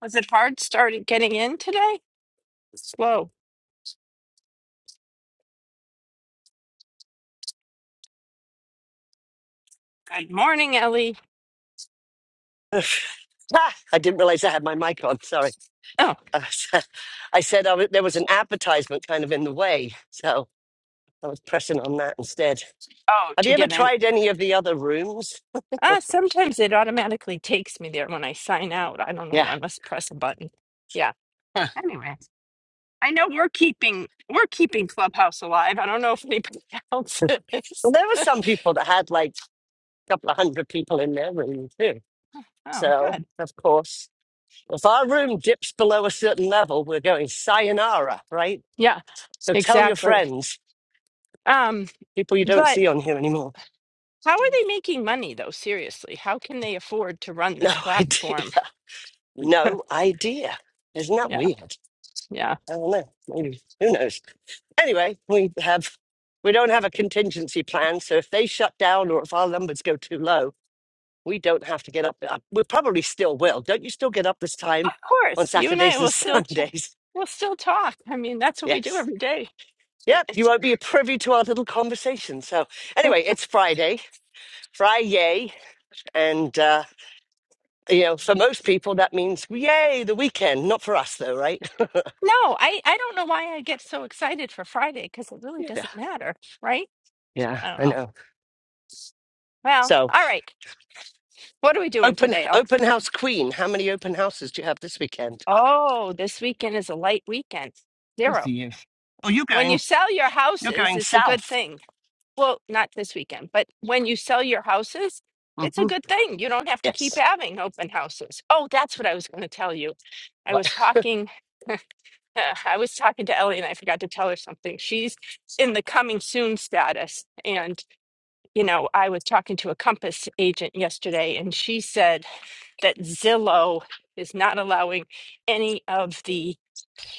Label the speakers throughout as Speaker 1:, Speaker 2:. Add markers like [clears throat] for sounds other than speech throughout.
Speaker 1: Was it hard started getting in today? Slow. Good morning, Ellie.
Speaker 2: [laughs] Ah, I didn't realize I had my mic on. Sorry.
Speaker 1: Oh,
Speaker 2: Uh, [laughs] I said I was, there was an advertisement kind of in the way, so I was pressing on that instead.
Speaker 1: oh,
Speaker 2: Have
Speaker 1: to
Speaker 2: you ever
Speaker 1: get in.
Speaker 2: tried any of the other rooms?
Speaker 1: Ah, sometimes it automatically takes me there when I sign out. I don't know.
Speaker 2: Yeah.
Speaker 1: I must press a button. Yeah.
Speaker 2: Huh.
Speaker 1: Anyway, I know we're keeping we're keeping Clubhouse alive. I don't know if anybody [laughs] else
Speaker 2: Well,
Speaker 1: is.
Speaker 2: there were some people that had like a couple of hundred people in their room too.
Speaker 1: Oh,
Speaker 2: So,
Speaker 1: good.
Speaker 2: of course, if our room dips below a certain level, we're going sayonara, right?
Speaker 1: Yeah,
Speaker 2: So tell your
Speaker 1: exactly.
Speaker 2: friends,
Speaker 1: Um,
Speaker 2: people you don't
Speaker 1: but
Speaker 2: see on here anymore.
Speaker 1: how are they making money though? Seriously, how can they afford to run
Speaker 2: No
Speaker 1: this
Speaker 2: [laughs] idea.
Speaker 1: platform?
Speaker 2: No idea. Isn't that
Speaker 1: Yeah,
Speaker 2: weird?
Speaker 1: yeah.
Speaker 2: I don't know. Maybe who knows? Anyway, we have we don't have a contingency plan, so if they shut down or if our numbers go too low, we don't have to get up. up- We probably still will. Don't you still get up this time
Speaker 1: Of
Speaker 2: on
Speaker 1: course, you and I
Speaker 2: Saturdays and [laughs]
Speaker 1: will still ch-
Speaker 2: Sundays?
Speaker 1: we'll still talk. I mean, that's what we do
Speaker 2: Yes.
Speaker 1: every day.
Speaker 2: Yep. You
Speaker 1: It's,
Speaker 2: won't be privy to our little conversation. So anyway, it's Friday, Friday, and uh, you know, for most people that means yay the weekend. Not for us though, right? [laughs]
Speaker 1: no, I I don't know why I get so excited for Friday because it really
Speaker 2: yeah.
Speaker 1: doesn't matter, right?
Speaker 2: Yeah.
Speaker 1: I don't
Speaker 2: I
Speaker 1: know.
Speaker 2: know.
Speaker 1: Well,
Speaker 2: So.
Speaker 1: all right. What are we doing
Speaker 2: Open
Speaker 1: today? Al?
Speaker 2: open house queen. How many open houses do you have this weekend?
Speaker 1: Oh, this weekend is a light weekend.
Speaker 2: Good
Speaker 1: Zero.
Speaker 2: for you. Oh, you're
Speaker 1: When you
Speaker 2: going.
Speaker 1: sell your
Speaker 2: You're
Speaker 1: houses,
Speaker 2: going
Speaker 1: it's a good
Speaker 2: south.
Speaker 1: thing. Well, not this weekend, but when you sell your houses, it's a
Speaker 2: hmm
Speaker 1: good thing. You don't have to keep
Speaker 2: Yes.
Speaker 1: having open houses. Oh, that's what I was going to tell you. I
Speaker 2: Right.
Speaker 1: was
Speaker 2: [laughs]
Speaker 1: talking. [laughs] [laughs] Uh, I was talking to Ellie and I forgot to tell her something. She's in the coming soon status. And, you know, I was talking to a Compass agent yesterday and she said that Zillow is not allowing any of the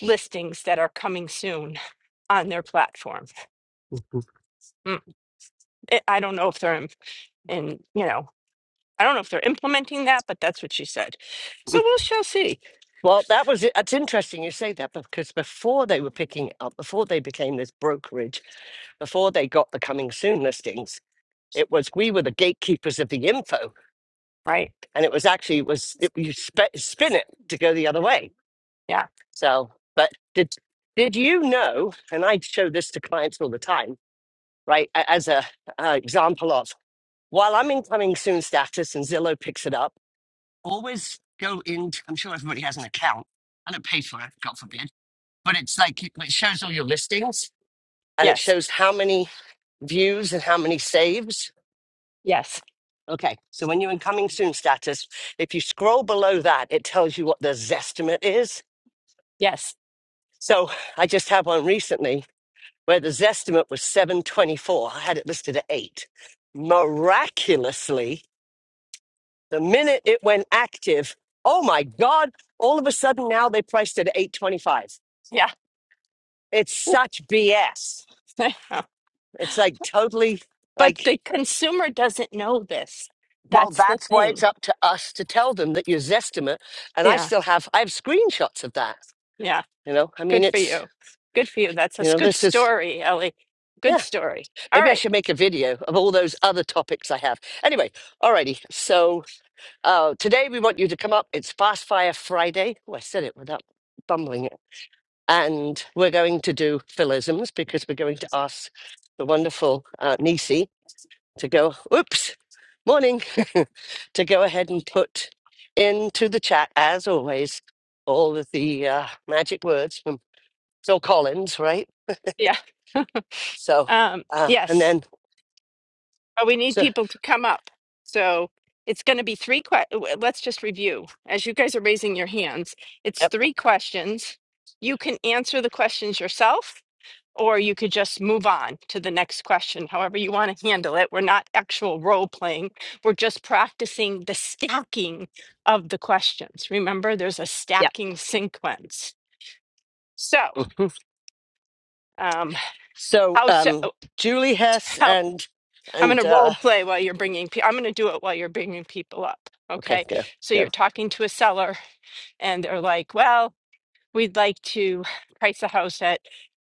Speaker 1: listings that are coming soon on their platform.
Speaker 2: Mhm.
Speaker 1: Mm. I I don't know if they're in, in, you know, I don't know if they're implementing that, but that's what she said. So we'll shall see,
Speaker 2: Well, that was it. That's interesting you say that because before they were picking it up, before they became this brokerage, before they got the coming soon listings, it was we were the gatekeepers of the info,
Speaker 1: right?
Speaker 2: and it was actually it was it, you spe- spin it to go the other way.
Speaker 1: Yeah.
Speaker 2: So, but did did you know? And I show this to clients all the time right? a- As a uh, example of while I'm incoming soon status and Zillow picks it up, always go into. I'm sure everybody has an account. I don't pay for it, God forbid, but it's like it it shows all your listings and it
Speaker 1: Yes.
Speaker 2: shows how many views and how many saves.
Speaker 1: Yes.
Speaker 2: Okay, so when you're incoming soon status, if you scroll below that, it tells you what the Zestimate is.
Speaker 1: Yes.
Speaker 2: So I just had one recently where the Zestimate was 724. I had it listed at eight. Miraculously, The minute it went active, oh my God, all of a sudden now they priced it at 825.
Speaker 1: Yeah.
Speaker 2: It's such BS.
Speaker 1: [laughs]
Speaker 2: It's like totally
Speaker 1: But
Speaker 2: like,
Speaker 1: the consumer doesn't know this.
Speaker 2: well,
Speaker 1: That's the
Speaker 2: that's why it's
Speaker 1: thing.
Speaker 2: up to us to tell them that your Zestimate, and I
Speaker 1: Yeah,
Speaker 2: still have, I have screenshots of that.
Speaker 1: yeah.
Speaker 2: You know, I mean,
Speaker 1: Good for
Speaker 2: it's,
Speaker 1: you. Good for you. That's a
Speaker 2: you
Speaker 1: s-
Speaker 2: know,
Speaker 1: good
Speaker 2: this is,
Speaker 1: story, Ellie. Good
Speaker 2: yeah,
Speaker 1: story. All
Speaker 2: maybe I
Speaker 1: right.
Speaker 2: should make a video of all those other topics I have. Anyway, alrighty. So uh, today we want you to come up. It's Fast Fire Friday. Oh, I said it without bumbling it and we're going to do philisms because we're going to ask the wonderful uh, Nisi to go, oops, morning, [laughs] to go ahead and put into the chat, as always, all of the uh, magic words from Phil Collins, right?
Speaker 1: Yeah.
Speaker 2: So,
Speaker 1: Um,
Speaker 2: uh, and
Speaker 1: yes.
Speaker 2: then,
Speaker 1: But we need
Speaker 2: so,
Speaker 1: people to come up. So it's going to be three questions. Let's just review. As you guys are raising your hands, it's
Speaker 2: yep,
Speaker 1: three questions. You can answer the questions yourself or you could just move on to the next question, however you want to handle it. We're not actual role playing, we're just practicing the stacking of the questions. Remember, there's a
Speaker 2: yep.
Speaker 1: stacking sequence. So,
Speaker 2: mhm.
Speaker 1: um,
Speaker 2: So,
Speaker 1: how so?
Speaker 2: um, Julie Hess
Speaker 1: How,
Speaker 2: and,
Speaker 1: I'm going to
Speaker 2: and,
Speaker 1: role
Speaker 2: uh,
Speaker 1: play while you're bringing, pe- I'm going to do it while you're bringing people up.
Speaker 2: okay,
Speaker 1: Okay.
Speaker 2: go,
Speaker 1: So, you're
Speaker 2: go.
Speaker 1: talking to a seller, and they're like, well, we'd like to price the house at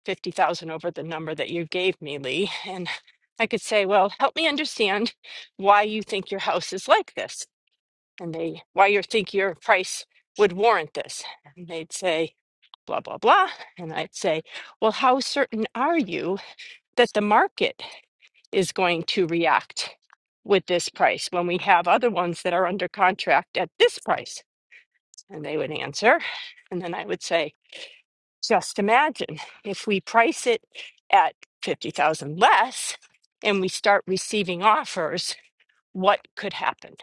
Speaker 1: fifty thousand over the number that you gave me, Lee. And I could say, well, help me understand why you think your house is like this, and they why you think your price would warrant this. And they'd say, blah blah blah. And I'd say, well, how certain are you that the market is going to react with this price when we have other ones that are under contract at this price? And they would answer. And then I would say, just imagine if we price it at 50,000 less and we start receiving offers, what could happen?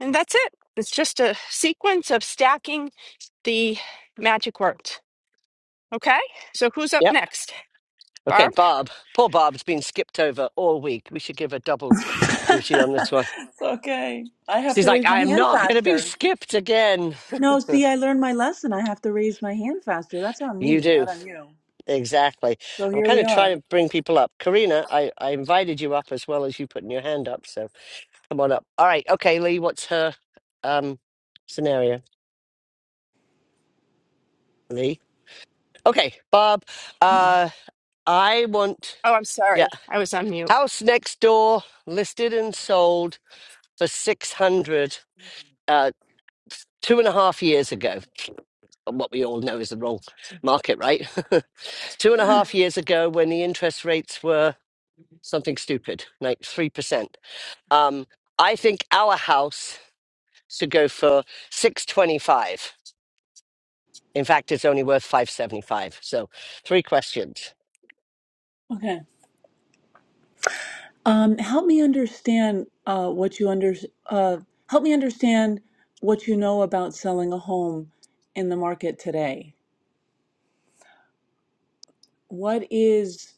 Speaker 1: And that's it. It's just a sequence of stacking the magic words. Okay? So who's up
Speaker 2: Yep.
Speaker 1: next?
Speaker 2: Okay,
Speaker 1: Barb?
Speaker 2: Barb. Poor Barb's been skipped over all week. We should give her double
Speaker 3: [laughs]
Speaker 2: duty on this one.
Speaker 3: It's okay. I have
Speaker 2: She's
Speaker 3: to
Speaker 2: like,
Speaker 3: raise my
Speaker 2: I am
Speaker 3: hand
Speaker 2: not going to be
Speaker 3: faster.
Speaker 2: skipped again.
Speaker 3: No, see, I learned my lesson. I have to raise my hand faster. That's on
Speaker 2: You
Speaker 3: me, not
Speaker 2: do.
Speaker 3: on you.
Speaker 2: Exactly.
Speaker 3: So
Speaker 2: I'm
Speaker 3: here
Speaker 2: kind
Speaker 3: we
Speaker 2: of trying
Speaker 3: are.
Speaker 2: to bring people up. Karina, I, I invited you up as well as you putting your hand up. So come on up. All right. Okay, Lee, what's her um, scenario, Lee? Okay, Barb, uh, I want,
Speaker 1: Oh, I'm
Speaker 2: yeah,
Speaker 1: sorry. I was on mute.
Speaker 2: house next door listed and sold for 600 uh, two and a half years ago. on what we all know is the wrong market, right? [laughs] Two and a half years ago, when the interest rates were something stupid, like 3%, um, I think our house should go for 625. In fact, it's only worth 575. So, three questions.
Speaker 3: Okay. Um, help me understand uh, what you under uh, help me understand what you know about selling a home in the market today. What is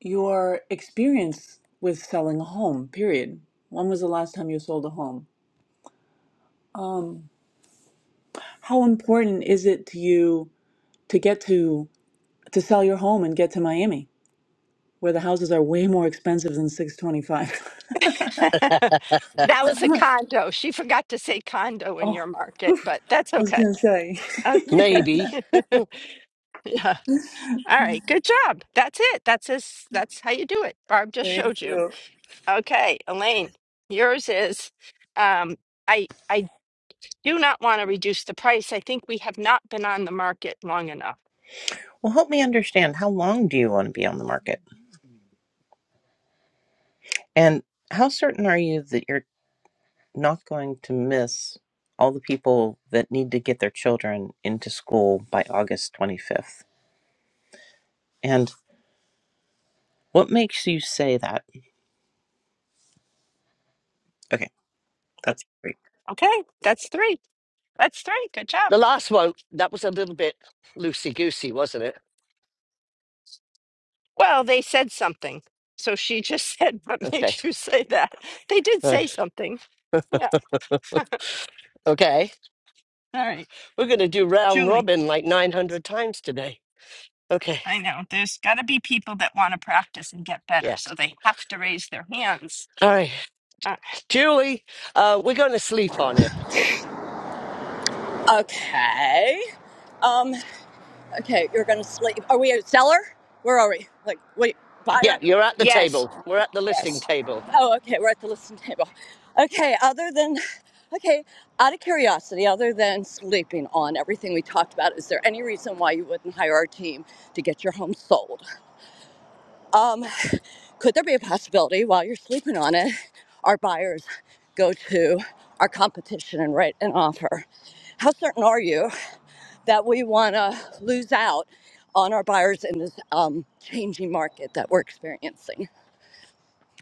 Speaker 3: your experience with selling a home? Period. When was the last time you sold a home? Um, how important is it to you? to get to to sell your home and get to Miami, where the houses are way more expensive than 625.
Speaker 1: [laughs] that was a condo. She forgot to say condo
Speaker 3: [laughs]
Speaker 1: in
Speaker 3: oh,
Speaker 1: your market, but that's
Speaker 3: I was
Speaker 1: okay.
Speaker 3: gonna say. [laughs]
Speaker 1: Okay.
Speaker 2: Maybe
Speaker 1: [laughs] yeah. All right. Good job. That's it. That's as that's how you do it. Barb just
Speaker 3: Thank
Speaker 1: showed you.
Speaker 3: you.
Speaker 1: Okay, Elaine, yours is, um, I I do not want to reduce the price. I think we have not been on the market long enough.
Speaker 4: Well, help me understand how long do you want to be on the market? And how certain are you that you're not going to miss all the people that need to get their children into school by August 25th? And what makes you say that? Okay, that's
Speaker 1: Okay, that's three. That's three. Good job.
Speaker 2: the last one, that was a little bit loosey goosey, wasn't it?
Speaker 1: Well, they said something. So she just [laughs] said, what
Speaker 2: Okay.
Speaker 1: makes you say that? They did
Speaker 2: Uh,
Speaker 1: say something. Yeah.
Speaker 2: okay.
Speaker 1: All right.
Speaker 2: We're going to do round
Speaker 1: Julie,
Speaker 2: robin like 900 times today. Okay.
Speaker 1: I know there's got to be people that want to practice and get better,
Speaker 2: Yeah.
Speaker 1: so they have to raise their hands.
Speaker 2: All right.
Speaker 1: Uh,
Speaker 2: Julie, uh, we're going to sleep on it.
Speaker 5: Okay. Um. Okay, you're gonna sleep. Are we a seller? Where are we? Like, wait,
Speaker 2: Yeah,
Speaker 5: buyer?
Speaker 2: you're at the
Speaker 1: yes,
Speaker 2: table. We're at the listing
Speaker 1: yes.
Speaker 2: table.
Speaker 5: Oh, okay. We're at the listing table. Okay. Other than, okay, out of curiosity, other than sleeping on everything we talked about, is there any reason why you wouldn't hire our team to get your home sold? Um, could there be a possibility while you're sleeping on it, our buyers go to our competition and write an offer? How certain are you? that we want to lose out on our buyers in this um, changing market that we're experiencing.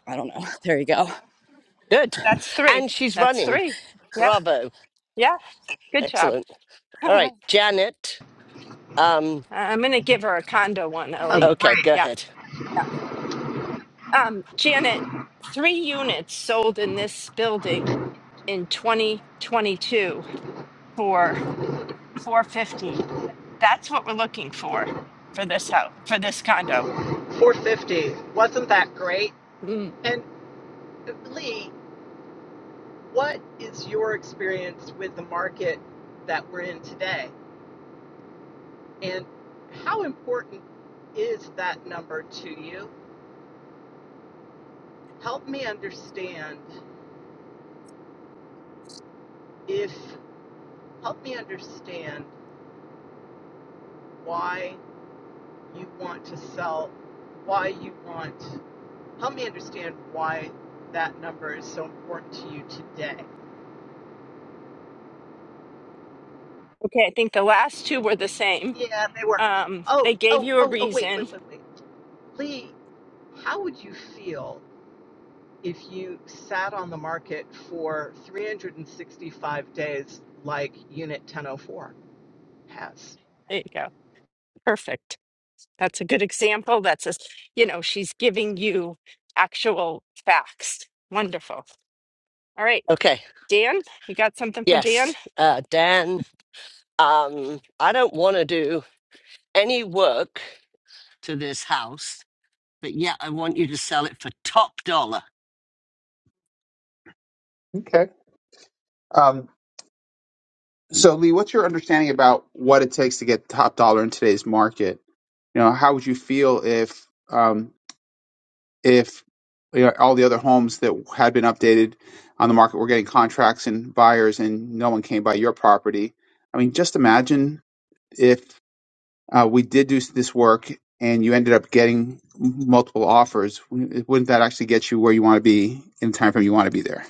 Speaker 5: I don't know. There you go.
Speaker 2: Good.
Speaker 1: That's three.
Speaker 2: And she's
Speaker 1: That's
Speaker 2: running.
Speaker 1: three. Yeah,
Speaker 2: Bravo.
Speaker 1: yeah. Good job.
Speaker 2: Excellent. All
Speaker 1: [laughs]
Speaker 2: right, Janet. Um,
Speaker 1: I- I'm gonna give her a condo one,
Speaker 6: Oh,
Speaker 1: Ellie.
Speaker 2: okay,
Speaker 6: great.
Speaker 2: go
Speaker 1: Yeah,
Speaker 2: ahead.
Speaker 1: yeah. Um, Janet, three units sold in this building in 2022 for 450. That's what we're looking for for this house for this condo.
Speaker 6: 450. Wasn't that great?
Speaker 1: Mm.
Speaker 6: And uh, Lee, what is your experience with the market that we're in today? And how important is that number to you? Help me understand if, help me understand why you want to sell, why you want, help me understand why that number is so important to you today.
Speaker 1: Okay, I think the last two were the
Speaker 6: It,
Speaker 1: same.
Speaker 6: Yeah, they were.
Speaker 1: Um,
Speaker 6: Oh,
Speaker 1: they gave
Speaker 6: oh,
Speaker 1: you a
Speaker 6: oh, oh, wait,
Speaker 1: reason.
Speaker 6: wait, wait, wait. Lee, how would you feel if you sat on the market for 365 days like Unit 1004 has?
Speaker 1: There you go. Perfect. That's a good example. That's a, s- you know, she's giving you actual facts. Wonderful. All right,
Speaker 2: Okay.
Speaker 1: Dan, you got something for Dan?
Speaker 2: Yes. Uh, Dan, um, I don't want to do any work to this house, but yet I want you to sell it for top dollar.
Speaker 7: Okay. Um, so, Lee, what's your understanding about what it takes to get top dollar in today's market? You know, how would you feel if um, if you know, all the other homes that had been updated on the market were getting contracts and buyers, and no one came by your property? I mean, just imagine if Uh, we did do this work, and you ended up getting multiple offers. Wouldn't that actually get you where you want to be in the time frame you want to be there?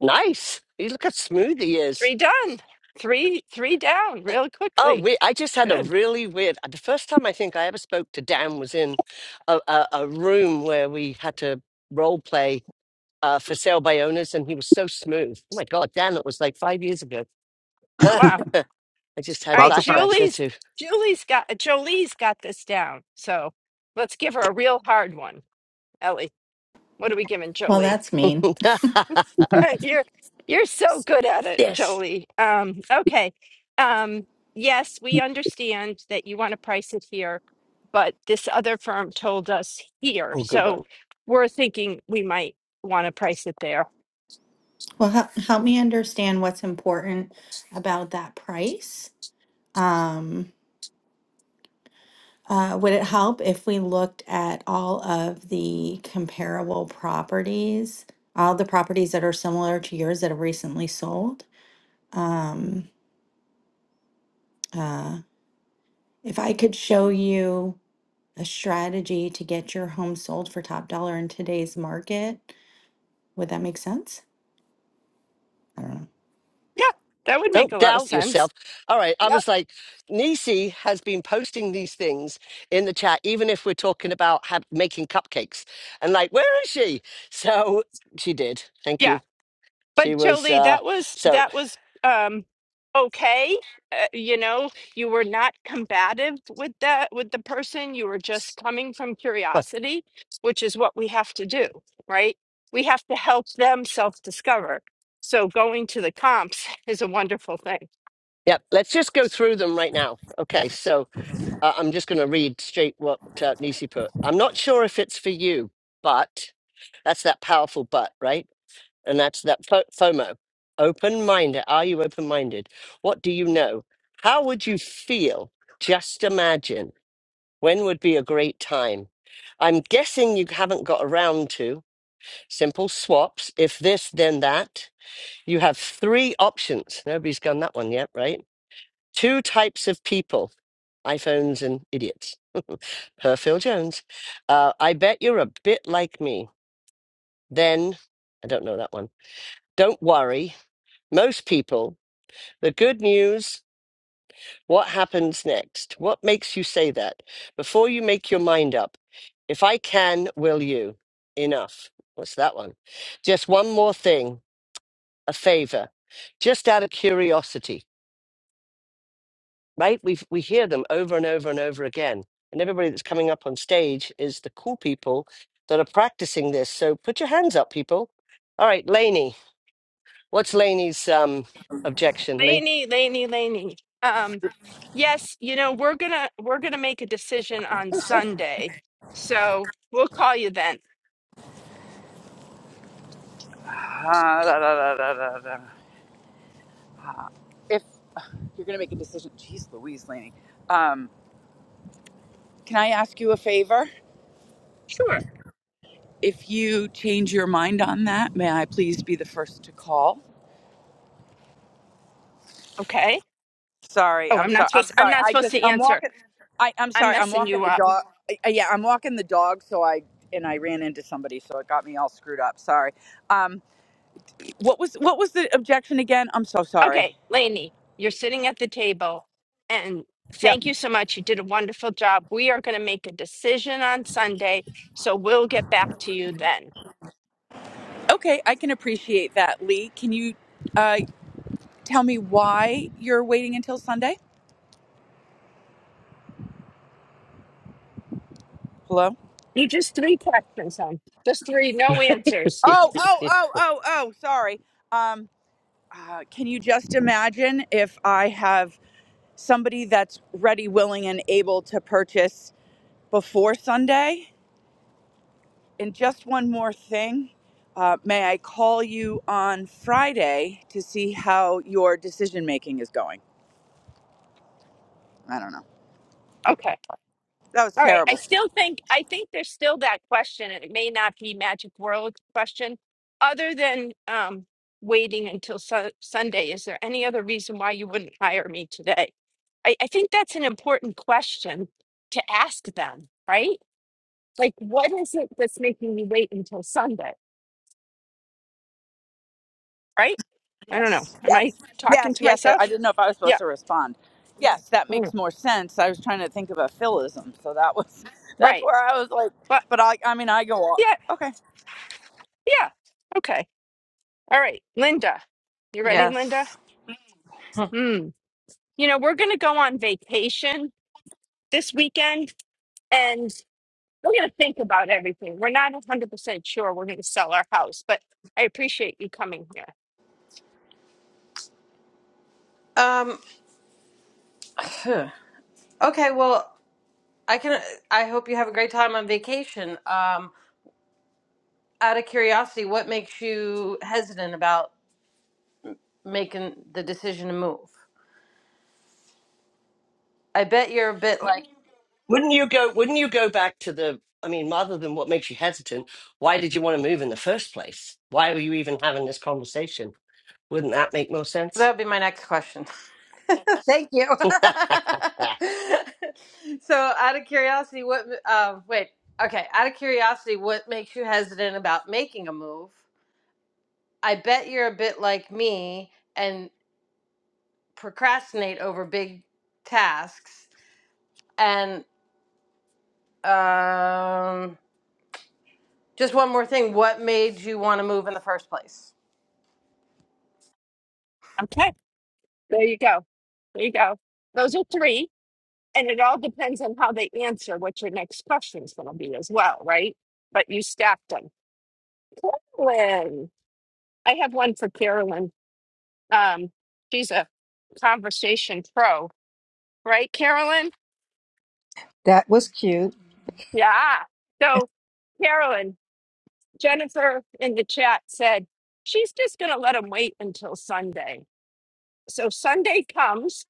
Speaker 2: Nice. You look how smooth he is.
Speaker 1: Three done. Three three down real
Speaker 2: Oh,
Speaker 1: quickly.
Speaker 2: we, I just had a
Speaker 1: Good.
Speaker 2: really weird. The first time I think I ever spoke to Dan was in a, a, a room where we had to role play uh, for sale by owners, and he was so smooth. Oh my God, Dan, that was like five years ago. [laughs] I
Speaker 1: Wow.
Speaker 2: just
Speaker 1: All
Speaker 2: had
Speaker 1: right,
Speaker 7: Lots of practice.
Speaker 2: flashbacks there
Speaker 1: Julie's
Speaker 2: too.
Speaker 1: Julie's got Jolie's got this down. So let's give her a real hard one. Ellie, what are we giving
Speaker 8: Well,
Speaker 1: Jolie?
Speaker 8: that's mean.
Speaker 1: [laughs] you're you're so good at
Speaker 2: [laughs]
Speaker 1: it,
Speaker 2: yes.
Speaker 1: Jolie. Um, okay. Um, yes, we understand that you want to price it here, but this other firm told us here.
Speaker 2: Oh, good
Speaker 1: So
Speaker 2: one.
Speaker 1: we're thinking we might want to price it there.
Speaker 8: Well, help, help me understand what's important about that price. Um, uh, would it help if we looked at all of the comparable properties, all the properties that are similar to yours that have recently sold? Um, uh, if I could show you a strategy to get your home sold for top dollar in today's market, would that make sense?
Speaker 1: Yeah, that would make
Speaker 2: Don't
Speaker 1: a lot of
Speaker 2: doubt
Speaker 1: sense.
Speaker 2: yourself. All right. I
Speaker 1: Yeah.
Speaker 2: was like, Nisi has been posting these things in the chat, even if we're talking about have, making cupcakes. And like, where is she? So she did. Thank you.
Speaker 1: Yeah, but
Speaker 2: She was
Speaker 1: Jolie,
Speaker 2: uh,
Speaker 1: that was
Speaker 2: so.
Speaker 1: that was um okay. Uh, you know, you were not combative with that with the person. You were just coming from
Speaker 2: But
Speaker 1: curiosity, which is what we have to do, right? We have to help them self-discover. So going to the comps [laughs] is a wonderful thing.
Speaker 2: yeah, let's just go through them right now. Okay, so uh, I'm just going to read straight what uh, Nisi put. I'm not sure if it's for you, but that's that powerful but, right? And that's that fo- FOMO. Open minded. Are you open minded? What do you know? How would you feel? Just imagine. When would be a great time? I'm guessing you haven't got around to simple swaps. If this, then that. You have three options. Nobody's gone that one yet, right? Two types of people iPhones and idiots. Her Phil Jones. Uh, I bet you're a bit like me. Then, I don't know that one. Don't worry. Most people, the good news, what happens next? What makes you say that? Before you make your mind up, if I can, will you? Enough. What's that one? Just one more thing, a favor, just out of curiosity. right? We we hear them over and over and over again, and everybody that's coming up on stage is the cool people that are practicing this. So put your hands up, people. All right, Lainey, what's Lainey's um, objection, Lee?
Speaker 1: Laney, Laney, Laney. Um, yes, you know, we're gonna we're gonna make a decision on Sunday. So we'll call you then.
Speaker 9: Ah, da, da, da, da, da, da. If uh, you're going to make a decision, geez, Louise Laney, um, can I ask you a favor?
Speaker 1: Sure.
Speaker 9: If you change your mind on that, may I please be the first to call?
Speaker 1: Okay.
Speaker 9: Sorry,
Speaker 1: Oh,
Speaker 9: I'm
Speaker 1: I'm not
Speaker 9: sorry. I'm
Speaker 1: supposed I'm
Speaker 9: sorry.
Speaker 1: not
Speaker 9: I
Speaker 1: supposed
Speaker 9: just
Speaker 1: to
Speaker 9: I'm
Speaker 1: answer.
Speaker 9: walking. I I'm
Speaker 1: I'm
Speaker 9: sorry. I'm
Speaker 1: messing
Speaker 9: walking
Speaker 1: you
Speaker 9: the
Speaker 1: up.
Speaker 9: dog. I, I- yeah, I'm walking the dog. So I and I ran into somebody, so it got me all screwed up. Sorry. Um, what was what was the objection again? I'm so
Speaker 1: Okay,
Speaker 9: sorry.
Speaker 1: Lainey, you're sitting at the table and
Speaker 9: Yep.
Speaker 1: thank you so much. You did a wonderful job. We are going to make a decision on Sunday, so we'll get back to you then.
Speaker 9: Okay, I can appreciate that, Lee. Can you? Uh, tell me why you're waiting until Sunday? Hello?
Speaker 1: You just three questions on. Just three, no answers.
Speaker 2: [laughs]
Speaker 9: Oh, oh, oh, oh, oh, sorry. Um, uh, can you just imagine if I have somebody that's ready, willing, and able to purchase before Sunday? And just one more thing. Uh, may I call you on Friday to see how your decision making is going? I don't know.
Speaker 1: Okay.
Speaker 9: That was
Speaker 1: All right. I
Speaker 9: terrible.
Speaker 1: still think I think there's still that question, and it may not be magic world question. Other than um, waiting until su- Sunday, is there any other reason why you wouldn't hire me today? I, I think that's an important question to ask them, right? Like, what is it that's making you wait until Sunday, right? I don't know.
Speaker 9: Yes.
Speaker 1: Am I
Speaker 9: Yes.
Speaker 1: talking
Speaker 9: Yes.
Speaker 1: to
Speaker 9: Yes. yes. I
Speaker 1: myself?
Speaker 9: didn't know if I was supposed
Speaker 1: Yeah.
Speaker 9: to respond. Yes, that
Speaker 1: Mm,
Speaker 9: makes more sense. I was trying to think of a philism, so that was [laughs] that's
Speaker 1: Right.
Speaker 9: where I was like,
Speaker 1: But
Speaker 9: but I I mean I go all,
Speaker 1: yeah,
Speaker 9: okay.
Speaker 1: yeah. Okay. All right, Linda. You ready, Linda?
Speaker 10: Yes.
Speaker 1: Hmm, you know, we're going to go on vacation this weekend and we're going to think about everything. We're not 100% sure we're going to sell our house, but I appreciate you coming here.
Speaker 10: Um, [sighs] okay, well, I can I hope you have a great time on vacation. Um, out of curiosity, what makes you hesitant about making the decision to move? I bet you're a bit like
Speaker 2: wouldn't you go? Wouldn't you go back to the? I mean, rather than what makes you hesitant, why did you want to move in the first place? Why were you even having this conversation? Wouldn't that make more
Speaker 10: that
Speaker 2: sense?
Speaker 10: would be my next question. [laughs] Thank you.
Speaker 2: [laughs]
Speaker 10: [laughs] so, out of curiosity, what uh, wait, okay, out of curiosity, what makes you hesitant about making a move? I bet you're a bit like me and. procrastinate over big tasks. And um, just one more thing what made you want to move in the first place?
Speaker 1: Okay. There you go. There you go. Those are three. And it all depends on how they answer what your next question's going to be as well, right? But you stacked them. Carolyn. I have one for Carolyn. Um, she's a conversation pro, right, Carolyn?
Speaker 11: That was cute.
Speaker 1: Yeah. So, Carolyn, Jennifer in the chat said she's just going to let them wait until Sunday. So Sunday comes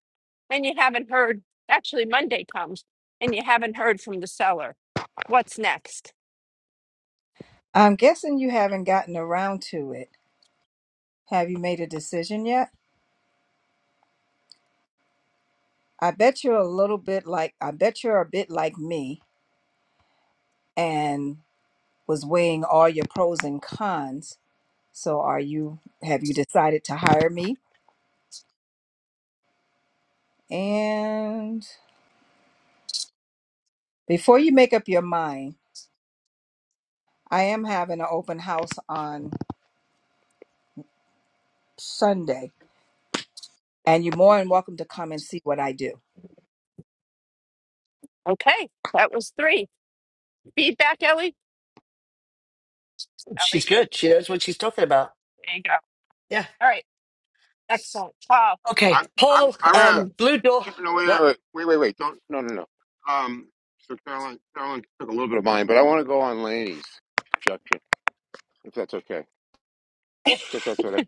Speaker 1: and you haven't heard, actually, Monday comes and you haven't heard from the seller. What's next?
Speaker 11: I'm guessing you haven't gotten around to it. Have you made a decision yet? I bet you're a little bit like, I bet you're a bit like me and was weighing all your pros and cons. So are you, have you decided to hire me? And before you make up your mind, I am having an open house on Sunday and you're more than welcome to come and see what I do.
Speaker 1: Okay, that was three. Feedback, Ellie?
Speaker 2: she's
Speaker 1: Ellie,
Speaker 2: good. She knows what she's talking about.
Speaker 1: there you go.
Speaker 2: Yeah.
Speaker 1: All right, excellent. Paul,
Speaker 2: Okay,
Speaker 12: I'm I'm
Speaker 2: Paul,
Speaker 12: I'm gonna
Speaker 2: um, blue door.
Speaker 12: keep an away
Speaker 2: What?
Speaker 12: on Wait, wait, wait! Don't no no no. Um, so Carolyn Carolyn took a little bit of mine, but I want to go on Laney's objection if that's okay,
Speaker 2: Yeah.
Speaker 12: because that's what I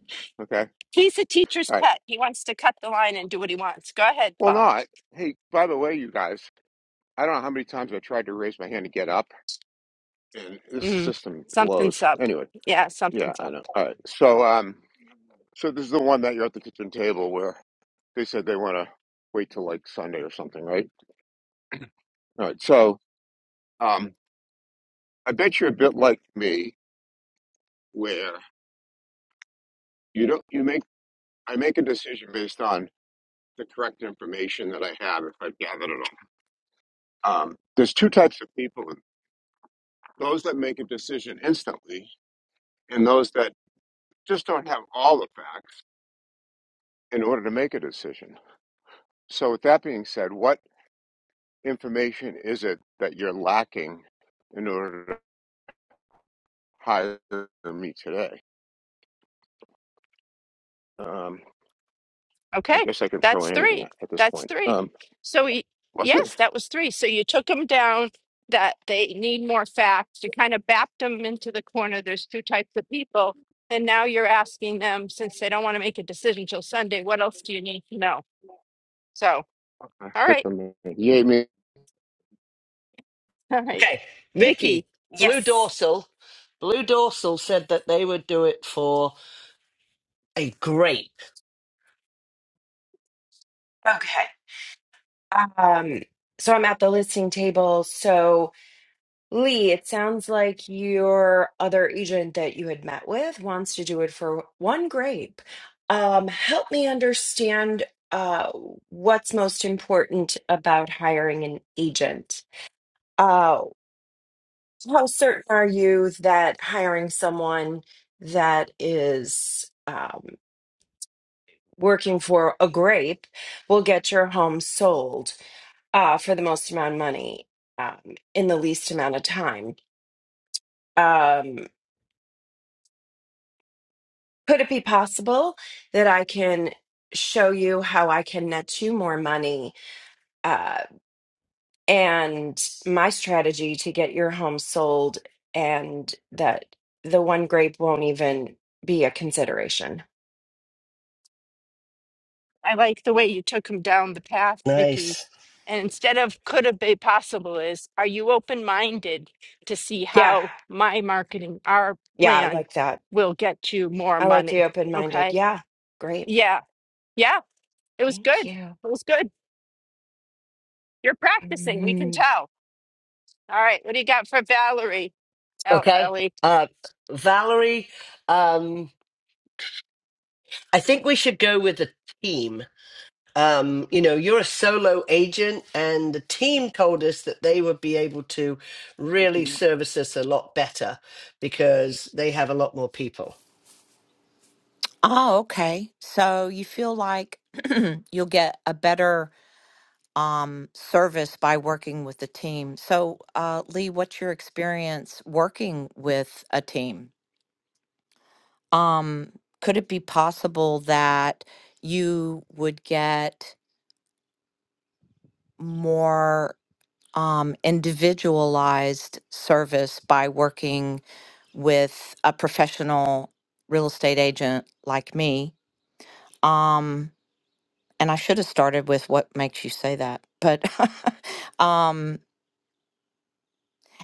Speaker 12: okay.
Speaker 1: he's a teacher's
Speaker 12: All right.
Speaker 1: pet. He wants to cut the line and do what he wants. Go ahead,
Speaker 12: Well,
Speaker 1: Paul.
Speaker 12: not. Hey, by the way, you guys, I don't know how many times I tried to raise my hand to get up, and this
Speaker 1: Mm,
Speaker 12: system blows.
Speaker 1: something's up.
Speaker 12: Anyway,
Speaker 1: Yeah,
Speaker 12: yeah,
Speaker 1: something's
Speaker 12: I
Speaker 1: up.
Speaker 12: know. All right. So um, so this is the one that you're at the kitchen table where they said they want to wait till like Sunday or something, right? All right. So um, I bet you're a bit like me where you don't you make I make a decision based on the correct information that I have if I've gathered it all. Um, there's two types of people: those that make a decision instantly, and those that just don't have all the facts in order to make a decision. So, with that being said, what information is it that you're lacking in order to hire me today? Um, I
Speaker 1: Okay,
Speaker 12: guess I can throw
Speaker 1: that's
Speaker 12: in anything
Speaker 1: three.
Speaker 12: at, at this
Speaker 1: That's
Speaker 12: point.
Speaker 1: three.
Speaker 12: Um,
Speaker 1: So y
Speaker 12: was it?
Speaker 1: yes, that was three. So you took them down that they need more facts. You kind of backed them into the corner. There's two types of people. And now you're asking them, since they don't want to make a decision till Sunday, what else do you need to know? So,
Speaker 12: [laughs]
Speaker 1: all
Speaker 12: Good
Speaker 1: right,
Speaker 12: for me. Yay, me.
Speaker 1: [laughs] all right.
Speaker 2: Okay,
Speaker 1: Vicky.
Speaker 2: Mickey, blue
Speaker 13: Yes.
Speaker 2: dorsal. Blue dorsal said that they would do it for a grape.
Speaker 13: Okay. Um, so I'm at the listing table. So, Lee, it sounds like your other agent that you had met with wants to do it for one grape. Um, help me understand uh, what's most important about hiring an agent. Uh, how certain are you that hiring someone that is um, working for a grape will get your home sold? uh, for the most amount of money um, in the least amount of time. Um, could it be possible that I can show you how I can net you more money uh, and my strategy to get your home sold and that the one grape won't even be a consideration?
Speaker 1: I like the way you took him down the path, Vicky.
Speaker 2: Nice.
Speaker 1: And instead of could have been possible is, are you open minded to see
Speaker 13: Yeah.
Speaker 1: how my marketing, our
Speaker 13: Yeah, I
Speaker 1: plan
Speaker 13: like that.
Speaker 1: will get you more
Speaker 13: I like the
Speaker 1: money?
Speaker 13: open minded.
Speaker 1: Okay.
Speaker 13: Yeah. Great.
Speaker 1: Yeah. Yeah. It was
Speaker 13: Thank
Speaker 1: good.
Speaker 13: you.
Speaker 1: It was good. You're practicing. We can
Speaker 13: [laughs]
Speaker 1: tell. All right. What do you got for Valerie, El-
Speaker 2: Okay,
Speaker 1: Ellie?
Speaker 2: uh, Valerie, um, I think we should go with a team. Um, you know, you're a solo agent, and the team told us that they would be able to really service us a lot better because they have a lot more people.
Speaker 14: Oh, okay. So you feel like [clears throat] you'll get a better um, service by working with the team. So, uh, Lee, what's your experience working with a team? Um, could it be possible that you would get more um, individualized service by working with a professional real estate agent like me? Um, and I should have started with what makes you say that. But [laughs] um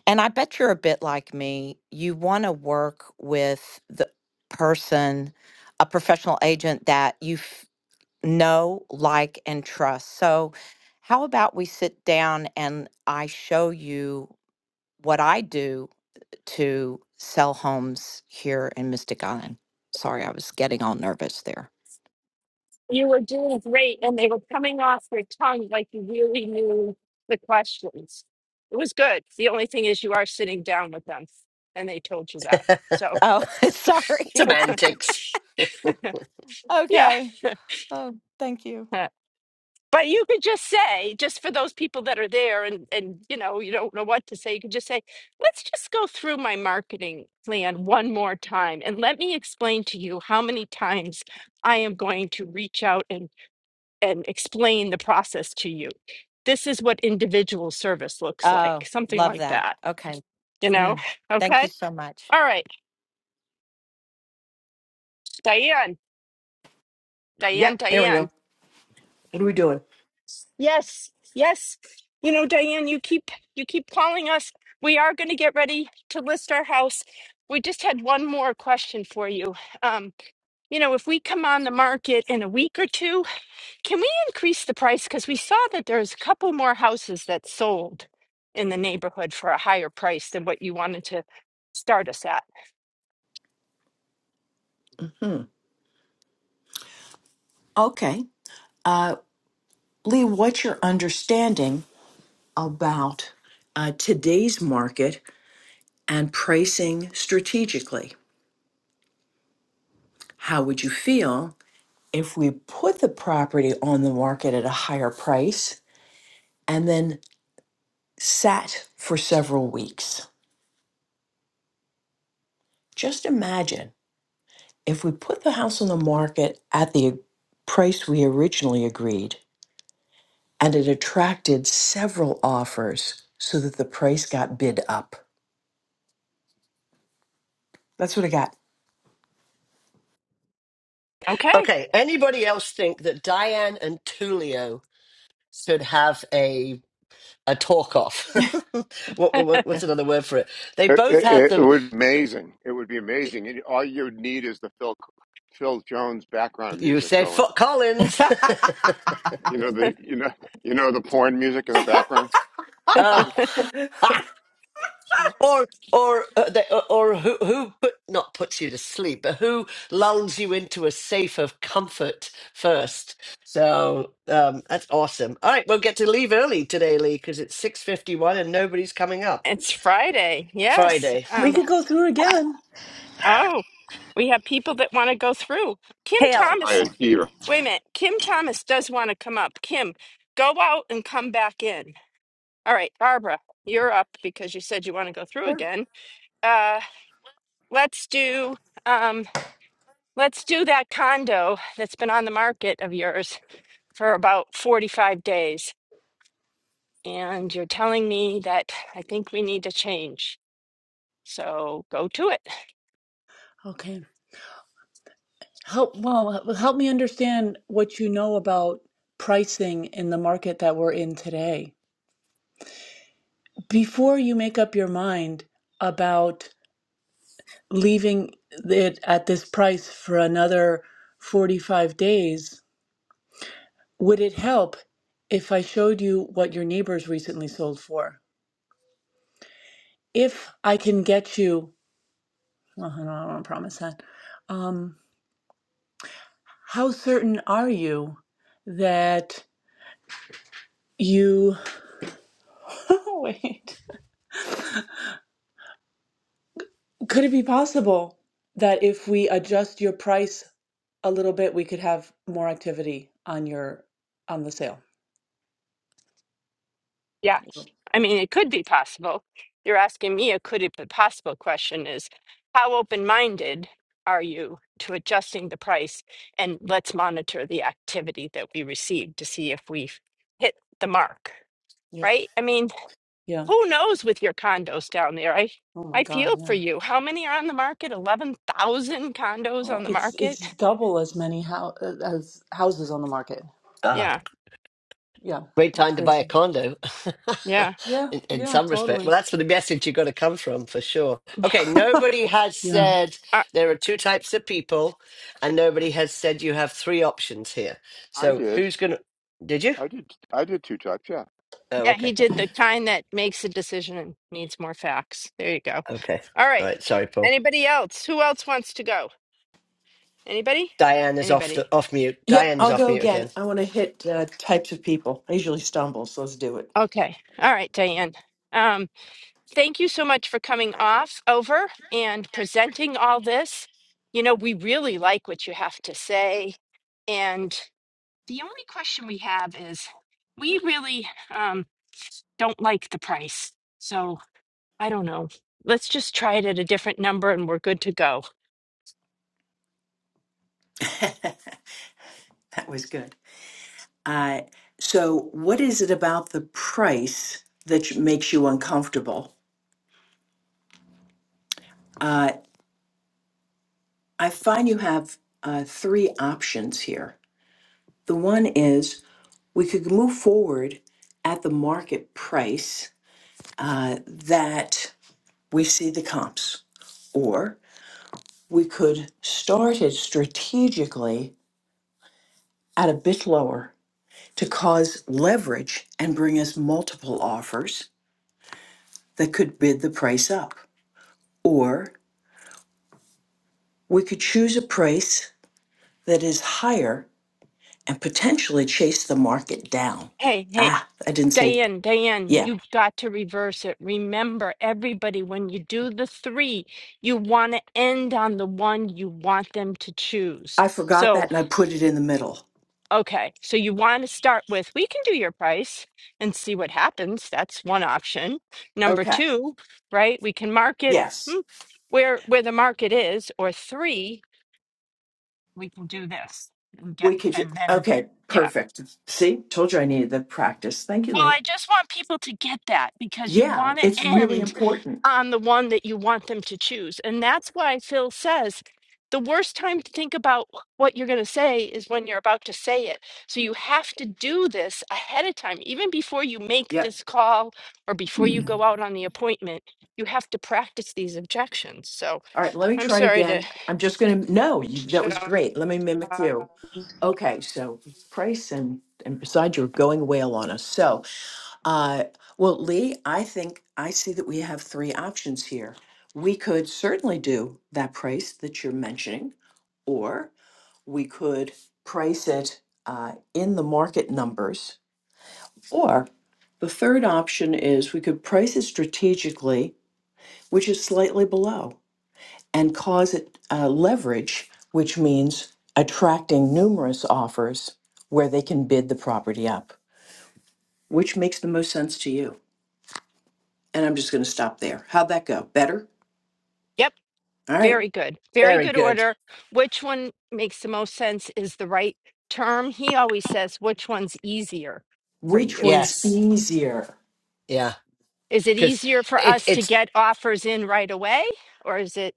Speaker 14: and I bet you're a bit like me. You want to work with the person, a professional agent that you f- know, like and trust. So how about we sit down and I show you what I do to sell homes here in Mystic Island. Sorry, I was getting all nervous there.
Speaker 1: You were doing great, and they were coming off your tongue like you really knew the questions. It was good. The only thing is, you are sitting down with them, and they told you that. So,
Speaker 14: Oh, [laughs] sorry.
Speaker 2: Semantics.
Speaker 14: [laughs]
Speaker 1: yeah.
Speaker 14: okay. Oh, thank you.
Speaker 1: [laughs] but you could just say, just for those people that are there, and and you know, you don't know what to say. You could just say, "Let's just go through my marketing plan one more time, and let me explain to you how many times I am going to reach out and and explain the process to you. This is what individual service looks like,
Speaker 14: Oh,
Speaker 1: something
Speaker 14: love
Speaker 1: like
Speaker 14: that.
Speaker 1: that,
Speaker 14: Okay.
Speaker 1: you know?
Speaker 14: Mm.
Speaker 1: [sighs]
Speaker 14: Thank
Speaker 1: Okay.
Speaker 14: you so much.
Speaker 1: All right. Diane, Diane,
Speaker 15: Yep, there we go.
Speaker 1: Diane.
Speaker 15: What are we doing?
Speaker 1: Yes, yes. You know, Diane, you keep you keep calling us. We are going to get ready to list our house. We just had one more question for you. Um, you know, if we come on the market in a week or two, Can we increase the price? Because we saw that there's a couple more houses that sold in the neighborhood for a higher price than what you wanted to start us at.
Speaker 15: Hmm. Okay. Uh, Lee, what's your understanding about uh, today's market and pricing strategically? How would you feel if we put the property on the market at a higher price and then sat for several weeks? Just imagine if we put the house on the market at the price we originally agreed and it attracted several offers so that the price got bid up. That's what I got.
Speaker 1: Okay.
Speaker 2: Okay. Anybody else think that Diane and Tulio should have a a talk off? [laughs] what, what what's another word for it? They
Speaker 12: It,
Speaker 2: both have
Speaker 12: it, it
Speaker 2: the
Speaker 12: would be amazing. It would be amazing. And all you would need is the Phil Phil Jones background
Speaker 2: you
Speaker 12: music
Speaker 2: say
Speaker 12: going.
Speaker 2: Foot Collins.
Speaker 12: You know the you know [laughs] you know the porn music in the background.
Speaker 2: [laughs] oh.
Speaker 1: [laughs]
Speaker 15: [laughs]
Speaker 2: Ah, or or uh, they, or, or who who put not puts you to sleep, but who lulls you into a safe of comfort first. So um, that's awesome. All right, we'll get to leave early today, Lee, because it's six fifty one and nobody's coming up
Speaker 1: It's Friday. Yes.
Speaker 2: Friday.
Speaker 3: We
Speaker 1: Um,
Speaker 3: could go through again.
Speaker 1: oh, we have people that want to go through. Kim
Speaker 5: Hey.
Speaker 12: That's a high
Speaker 1: Thomas,
Speaker 12: achiever.
Speaker 1: wait a minute. Kim Thomas does want to come up. Kim, go out and come back in. All right, Barbara, you're up because you said you want to go through
Speaker 3: Sure.
Speaker 1: again. Uh, Let's do um let's do that condo that's been on the market of yours for about 45 days and you're telling me that I think we need to change. So go to it.
Speaker 3: Okay. Help well h- help me understand what you know about pricing in the market that we're in today. Before you make up your mind about leaving it at this price for another 45 days, Would it help if I showed you what your neighbors recently sold for? If I can get you, well, I don't, I don't want to promise that. Um, how certain are you that you, [laughs] wait, could it be possible that if we adjust your price a little bit, we could have more activity on your, on the sale?
Speaker 1: Yeah.
Speaker 3: Yep.
Speaker 1: I mean, it could be possible. You're asking me a could it be possible question is how open minded are you to adjusting the price? And let's monitor the activity that we receive to see if we've hit the mark,
Speaker 3: Yep.
Speaker 1: right? I mean,
Speaker 3: Yeah.
Speaker 1: who knows with your condos down there? I,
Speaker 3: Oh my
Speaker 1: I
Speaker 3: God.
Speaker 1: feel for
Speaker 3: Yeah.
Speaker 1: you. How many are on the market? 11,000 condos
Speaker 3: Oh,
Speaker 1: on the
Speaker 3: it's
Speaker 1: market?
Speaker 3: it's double as many how as houses on the market.
Speaker 1: Yeah.
Speaker 3: Yeah,
Speaker 2: Great
Speaker 3: it's
Speaker 2: time to buy
Speaker 3: crazy.
Speaker 2: a condo [laughs]
Speaker 1: Yeah.
Speaker 3: Yeah,
Speaker 2: in, in
Speaker 3: yeah,
Speaker 2: some respect.
Speaker 3: totally.
Speaker 2: Well, that's where the message you got to come from for sure. Okay,
Speaker 3: [laughs]
Speaker 2: nobody has
Speaker 3: Yeah.
Speaker 2: said
Speaker 1: Uh,
Speaker 2: there are two types of people, and nobody has said you have three options here.
Speaker 12: I
Speaker 2: So
Speaker 12: did.
Speaker 2: who's going to. Did you?
Speaker 12: I did. I did two types. Yeah.
Speaker 2: Oh,
Speaker 1: yeah. He
Speaker 2: okay.
Speaker 1: did the kind that makes a decision and needs more facts. There you go.
Speaker 2: Okay.
Speaker 1: All
Speaker 2: All
Speaker 1: right.
Speaker 2: right. Sorry, Paul.
Speaker 1: Anybody else? Who else wants to go? Anybody?
Speaker 2: Diane is off the
Speaker 1: Anybody?
Speaker 2: off mute.
Speaker 15: yep,
Speaker 2: Diane's
Speaker 15: I'll
Speaker 2: off
Speaker 15: go
Speaker 2: mute
Speaker 15: again.
Speaker 2: again.
Speaker 15: I want to hit uh, types of people. I usually stumble, so let's do it.
Speaker 1: Okay. All right, Diane. Um, thank you so much for coming off over and presenting all this. You know, we really like what you have to say. And the only question we have is we really um, don't like the price. So I don't know. Let's just try it at a different number and we're good to go.
Speaker 15: [laughs] that was good. Uh, so, what is it about the price that you- makes you uncomfortable? Uh, I find you have uh, three options here. The one is we could move forward at the market price uh, that we see the comps. Or we could start it strategically at a bit lower to cause leverage and bring us multiple offers that could bid the price up. Or we could choose a price that is higher and potentially chase the market down.
Speaker 1: Hey, hey,
Speaker 15: Ah, I didn't say,
Speaker 1: Diane, Diane,
Speaker 15: yeah,
Speaker 1: you've got to reverse it. Remember, everybody, when you do the three, you want to end on the one you want them to choose.
Speaker 15: I forgot that
Speaker 1: So,
Speaker 15: and I put it in the middle.
Speaker 1: okay, so you want to start with we can do your price and see what happens. That's one option. Number
Speaker 15: Okay,
Speaker 1: two, right? We can market
Speaker 15: yes,
Speaker 1: hmm, where where the market is, or three, we can do this and get
Speaker 15: we could,
Speaker 1: and then
Speaker 15: okay,
Speaker 1: yeah.
Speaker 15: perfect. See, told you I needed the practice. Thank you,
Speaker 1: Well,
Speaker 15: Lee.
Speaker 1: I just want people to get that because you
Speaker 15: Yeah,
Speaker 1: want to
Speaker 15: it's really
Speaker 1: end
Speaker 15: important.
Speaker 1: on the one that you want them to choose. And that's why Phil says the worst time to think about what you're going to say is when you're about to say it. So you have to do this ahead of time, even before you make
Speaker 15: Yep.
Speaker 1: this call or before you go out on the appointment. You have to practice these objections. So
Speaker 15: All right, let me
Speaker 1: I'm
Speaker 15: try it
Speaker 1: sorry to
Speaker 15: again. I'm just going to, no, you, that was
Speaker 1: jump.
Speaker 15: great. Let me mimic
Speaker 1: uh,
Speaker 15: you. Okay, so price and, and besides, you're going whale on us. So, uh, well, Lee, I think I see that we have three options here. We could certainly do that price that you're mentioning, or we could price it uh, in the market numbers, or the third option is we could price it strategically which is slightly below, and cause it uh, leverage, which means attracting numerous offers where they can bid the property up. Which makes the most sense to you? And I'm just going to stop there. How'd that go? Better?
Speaker 1: Yep.
Speaker 15: All right.
Speaker 1: Very good. Very
Speaker 2: Very
Speaker 1: good
Speaker 2: good.
Speaker 1: order. Which one makes the most sense is the right term. He always says, which one's easier for
Speaker 15: Which
Speaker 1: you?
Speaker 15: one's
Speaker 2: Yes.
Speaker 15: easier?
Speaker 2: Yeah.
Speaker 1: Is it
Speaker 2: Because
Speaker 1: easier for
Speaker 2: it,
Speaker 1: us to
Speaker 2: it's
Speaker 1: get offers in right away? Or is it,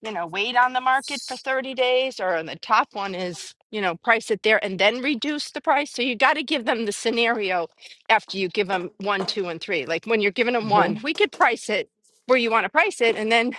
Speaker 1: you know, wait on the market for 30 days? Or the top one is, you know, price it there and then reduce the price. So you got to give them the scenario after you give them one, two, and three. Like when you're giving them one,
Speaker 15: Mhm.
Speaker 1: we could price it where you want to price it. And then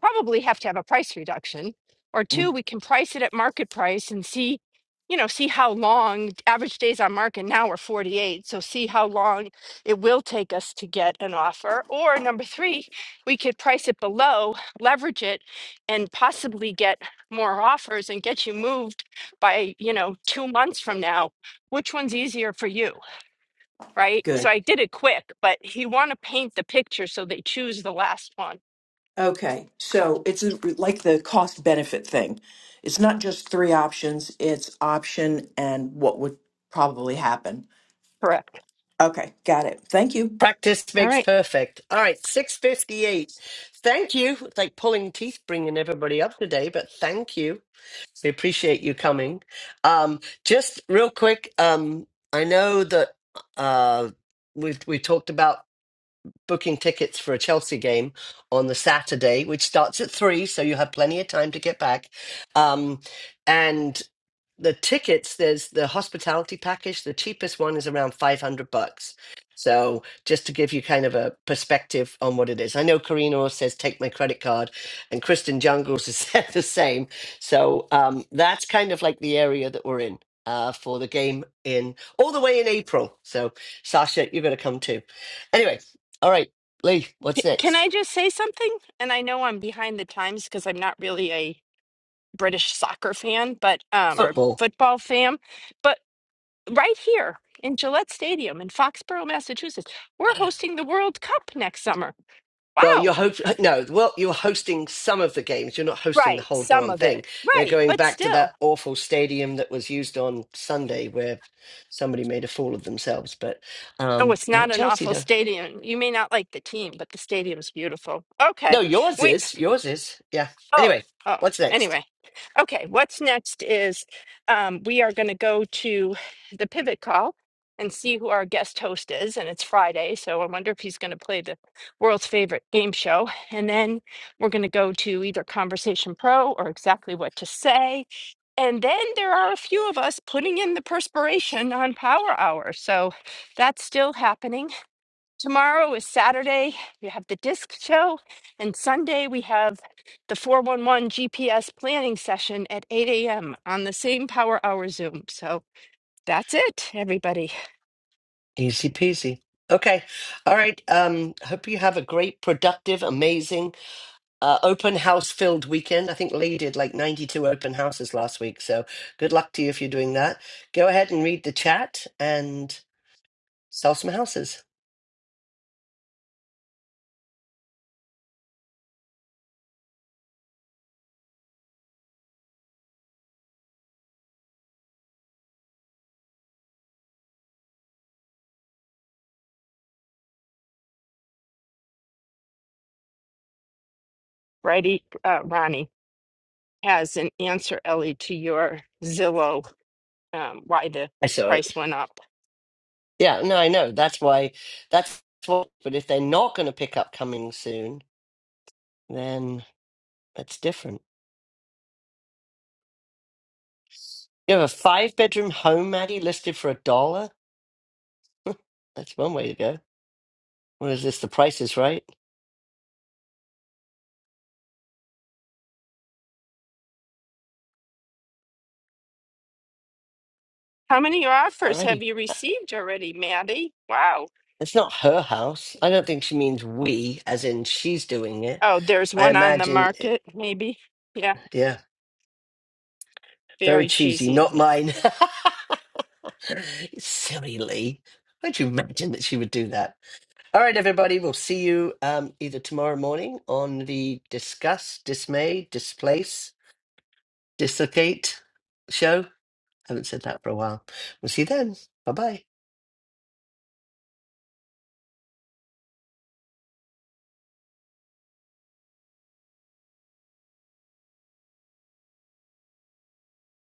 Speaker 1: probably have to have a price reduction. Or two,
Speaker 15: mm
Speaker 1: we can price it at market price and see, you know, see how long average days on market now are 48. So see how long it will take us to get an offer. Or number three, we could price it below, leverage it, and possibly get more offers and get you moved by, you know, two months from now. Which one's easier for you? Right. So
Speaker 15: Good.
Speaker 1: I did it quick, but you want to paint the picture so they choose the last one.
Speaker 15: Okay. So it's a- like the cost benefit thing. It's not just three options, it's option and what would probably happen.
Speaker 1: Correct.
Speaker 15: Okay. Got it. Thank you.
Speaker 2: Practice
Speaker 1: All
Speaker 2: makes
Speaker 1: right.
Speaker 2: perfect. All right, 658. Thank you. It's like pulling teeth bringing everybody up today, but thank you. We appreciate you coming. Um, just real quick, um, I know that uh, we've, we talked about booking tickets for a Chelsea game on the Saturday, which starts at three, so you have plenty of time to get back. Um, and the tickets there's the hospitality package the cheapest one is around 500 bucks so just to give you kind of a perspective on what it is i know karina says take my credit card and kristen jungles has [laughs] said the same so um, that's kind of like the area that we're in uh, for the game in all the way in april so sasha you're going to come too anyway all right lee
Speaker 1: C-
Speaker 2: what's
Speaker 1: Can I
Speaker 2: next
Speaker 1: just say something? And I know I'm behind the times because I'm not really a British soccer fan, but um, or
Speaker 2: football
Speaker 1: football fan. But right here in Gillette Stadium in Foxborough, Massachusetts, we're hosting the World Cup next summer.
Speaker 2: Well,
Speaker 1: Wow.
Speaker 2: you're hope no. Well, you're hosting some of the games. You're not hosting the
Speaker 1: Right.
Speaker 2: whole
Speaker 1: Some
Speaker 2: darn
Speaker 1: of it.
Speaker 2: thing. They're
Speaker 1: Right.
Speaker 2: going
Speaker 1: But
Speaker 2: back to
Speaker 1: still.
Speaker 2: that awful stadium that was used on Sunday, where somebody made a fool of themselves. But
Speaker 1: Oh,
Speaker 2: um,
Speaker 1: it's
Speaker 2: not
Speaker 1: not an
Speaker 2: Chelsea
Speaker 1: awful
Speaker 2: though.
Speaker 1: stadium. You may not like the team, but the stadium's beautiful.
Speaker 2: No,
Speaker 1: Okay.
Speaker 2: yours
Speaker 1: We
Speaker 2: is. Yours is. Yeah.
Speaker 1: Oh,
Speaker 2: Anyway,
Speaker 1: oh,
Speaker 2: what's next?
Speaker 1: anyway. Okay, what's next is um, we are going to go to the pivot call and see who our guest host is. And it's Friday, so I wonder if he's going to play the world's favorite game show. And then we're going to go to either Conversation Pro or exactly what to say. And then there are a few of us putting in the perspiration on Power Hour. So that's still happening. Tomorrow is Saturday. We have the disc show, and Sunday we have the 411 GPS planning session at 8 a.m. on the same Power Hour Zoom. So that's it, everybody.
Speaker 2: Easy peasy. Okay. All right. Um, hope you have a great, productive, amazing uh, open house filled weekend. I think Lee did like 92 open houses last week. So good luck to you if you're doing that. Go ahead and read the chat and sell some houses.
Speaker 1: Righty, uh, Ronnie has an answer, Ellie, to your Zillow um, why the
Speaker 2: I saw it.
Speaker 1: price went up.
Speaker 2: Yeah, no, I know. That's why. That's what. But if they're not going to pick up coming soon, then that's different. You have a five bedroom home, Maddie, listed for a dollar. That's one way to go. What is this? The price is right.
Speaker 1: How many offers
Speaker 2: Alrighty.
Speaker 1: have you
Speaker 2: Uh,
Speaker 1: received already, Maddie? Wow.
Speaker 2: It's not her house. I don't think she means we, as in she's doing it.
Speaker 1: Oh, there's
Speaker 2: I
Speaker 1: one on the
Speaker 2: imagine.
Speaker 1: market, maybe. Yeah,
Speaker 2: Yeah, very
Speaker 1: very
Speaker 2: cheesy. Not
Speaker 1: cheesy.
Speaker 2: mine. [laughs] Silly Lee. How'd you imagine that she would do that? All right, everybody. We'll see you um, either tomorrow morning on the Discuss, Dismay, Displace, Dislocate show. haven't said that for a while. We'll see you then. Bye bye.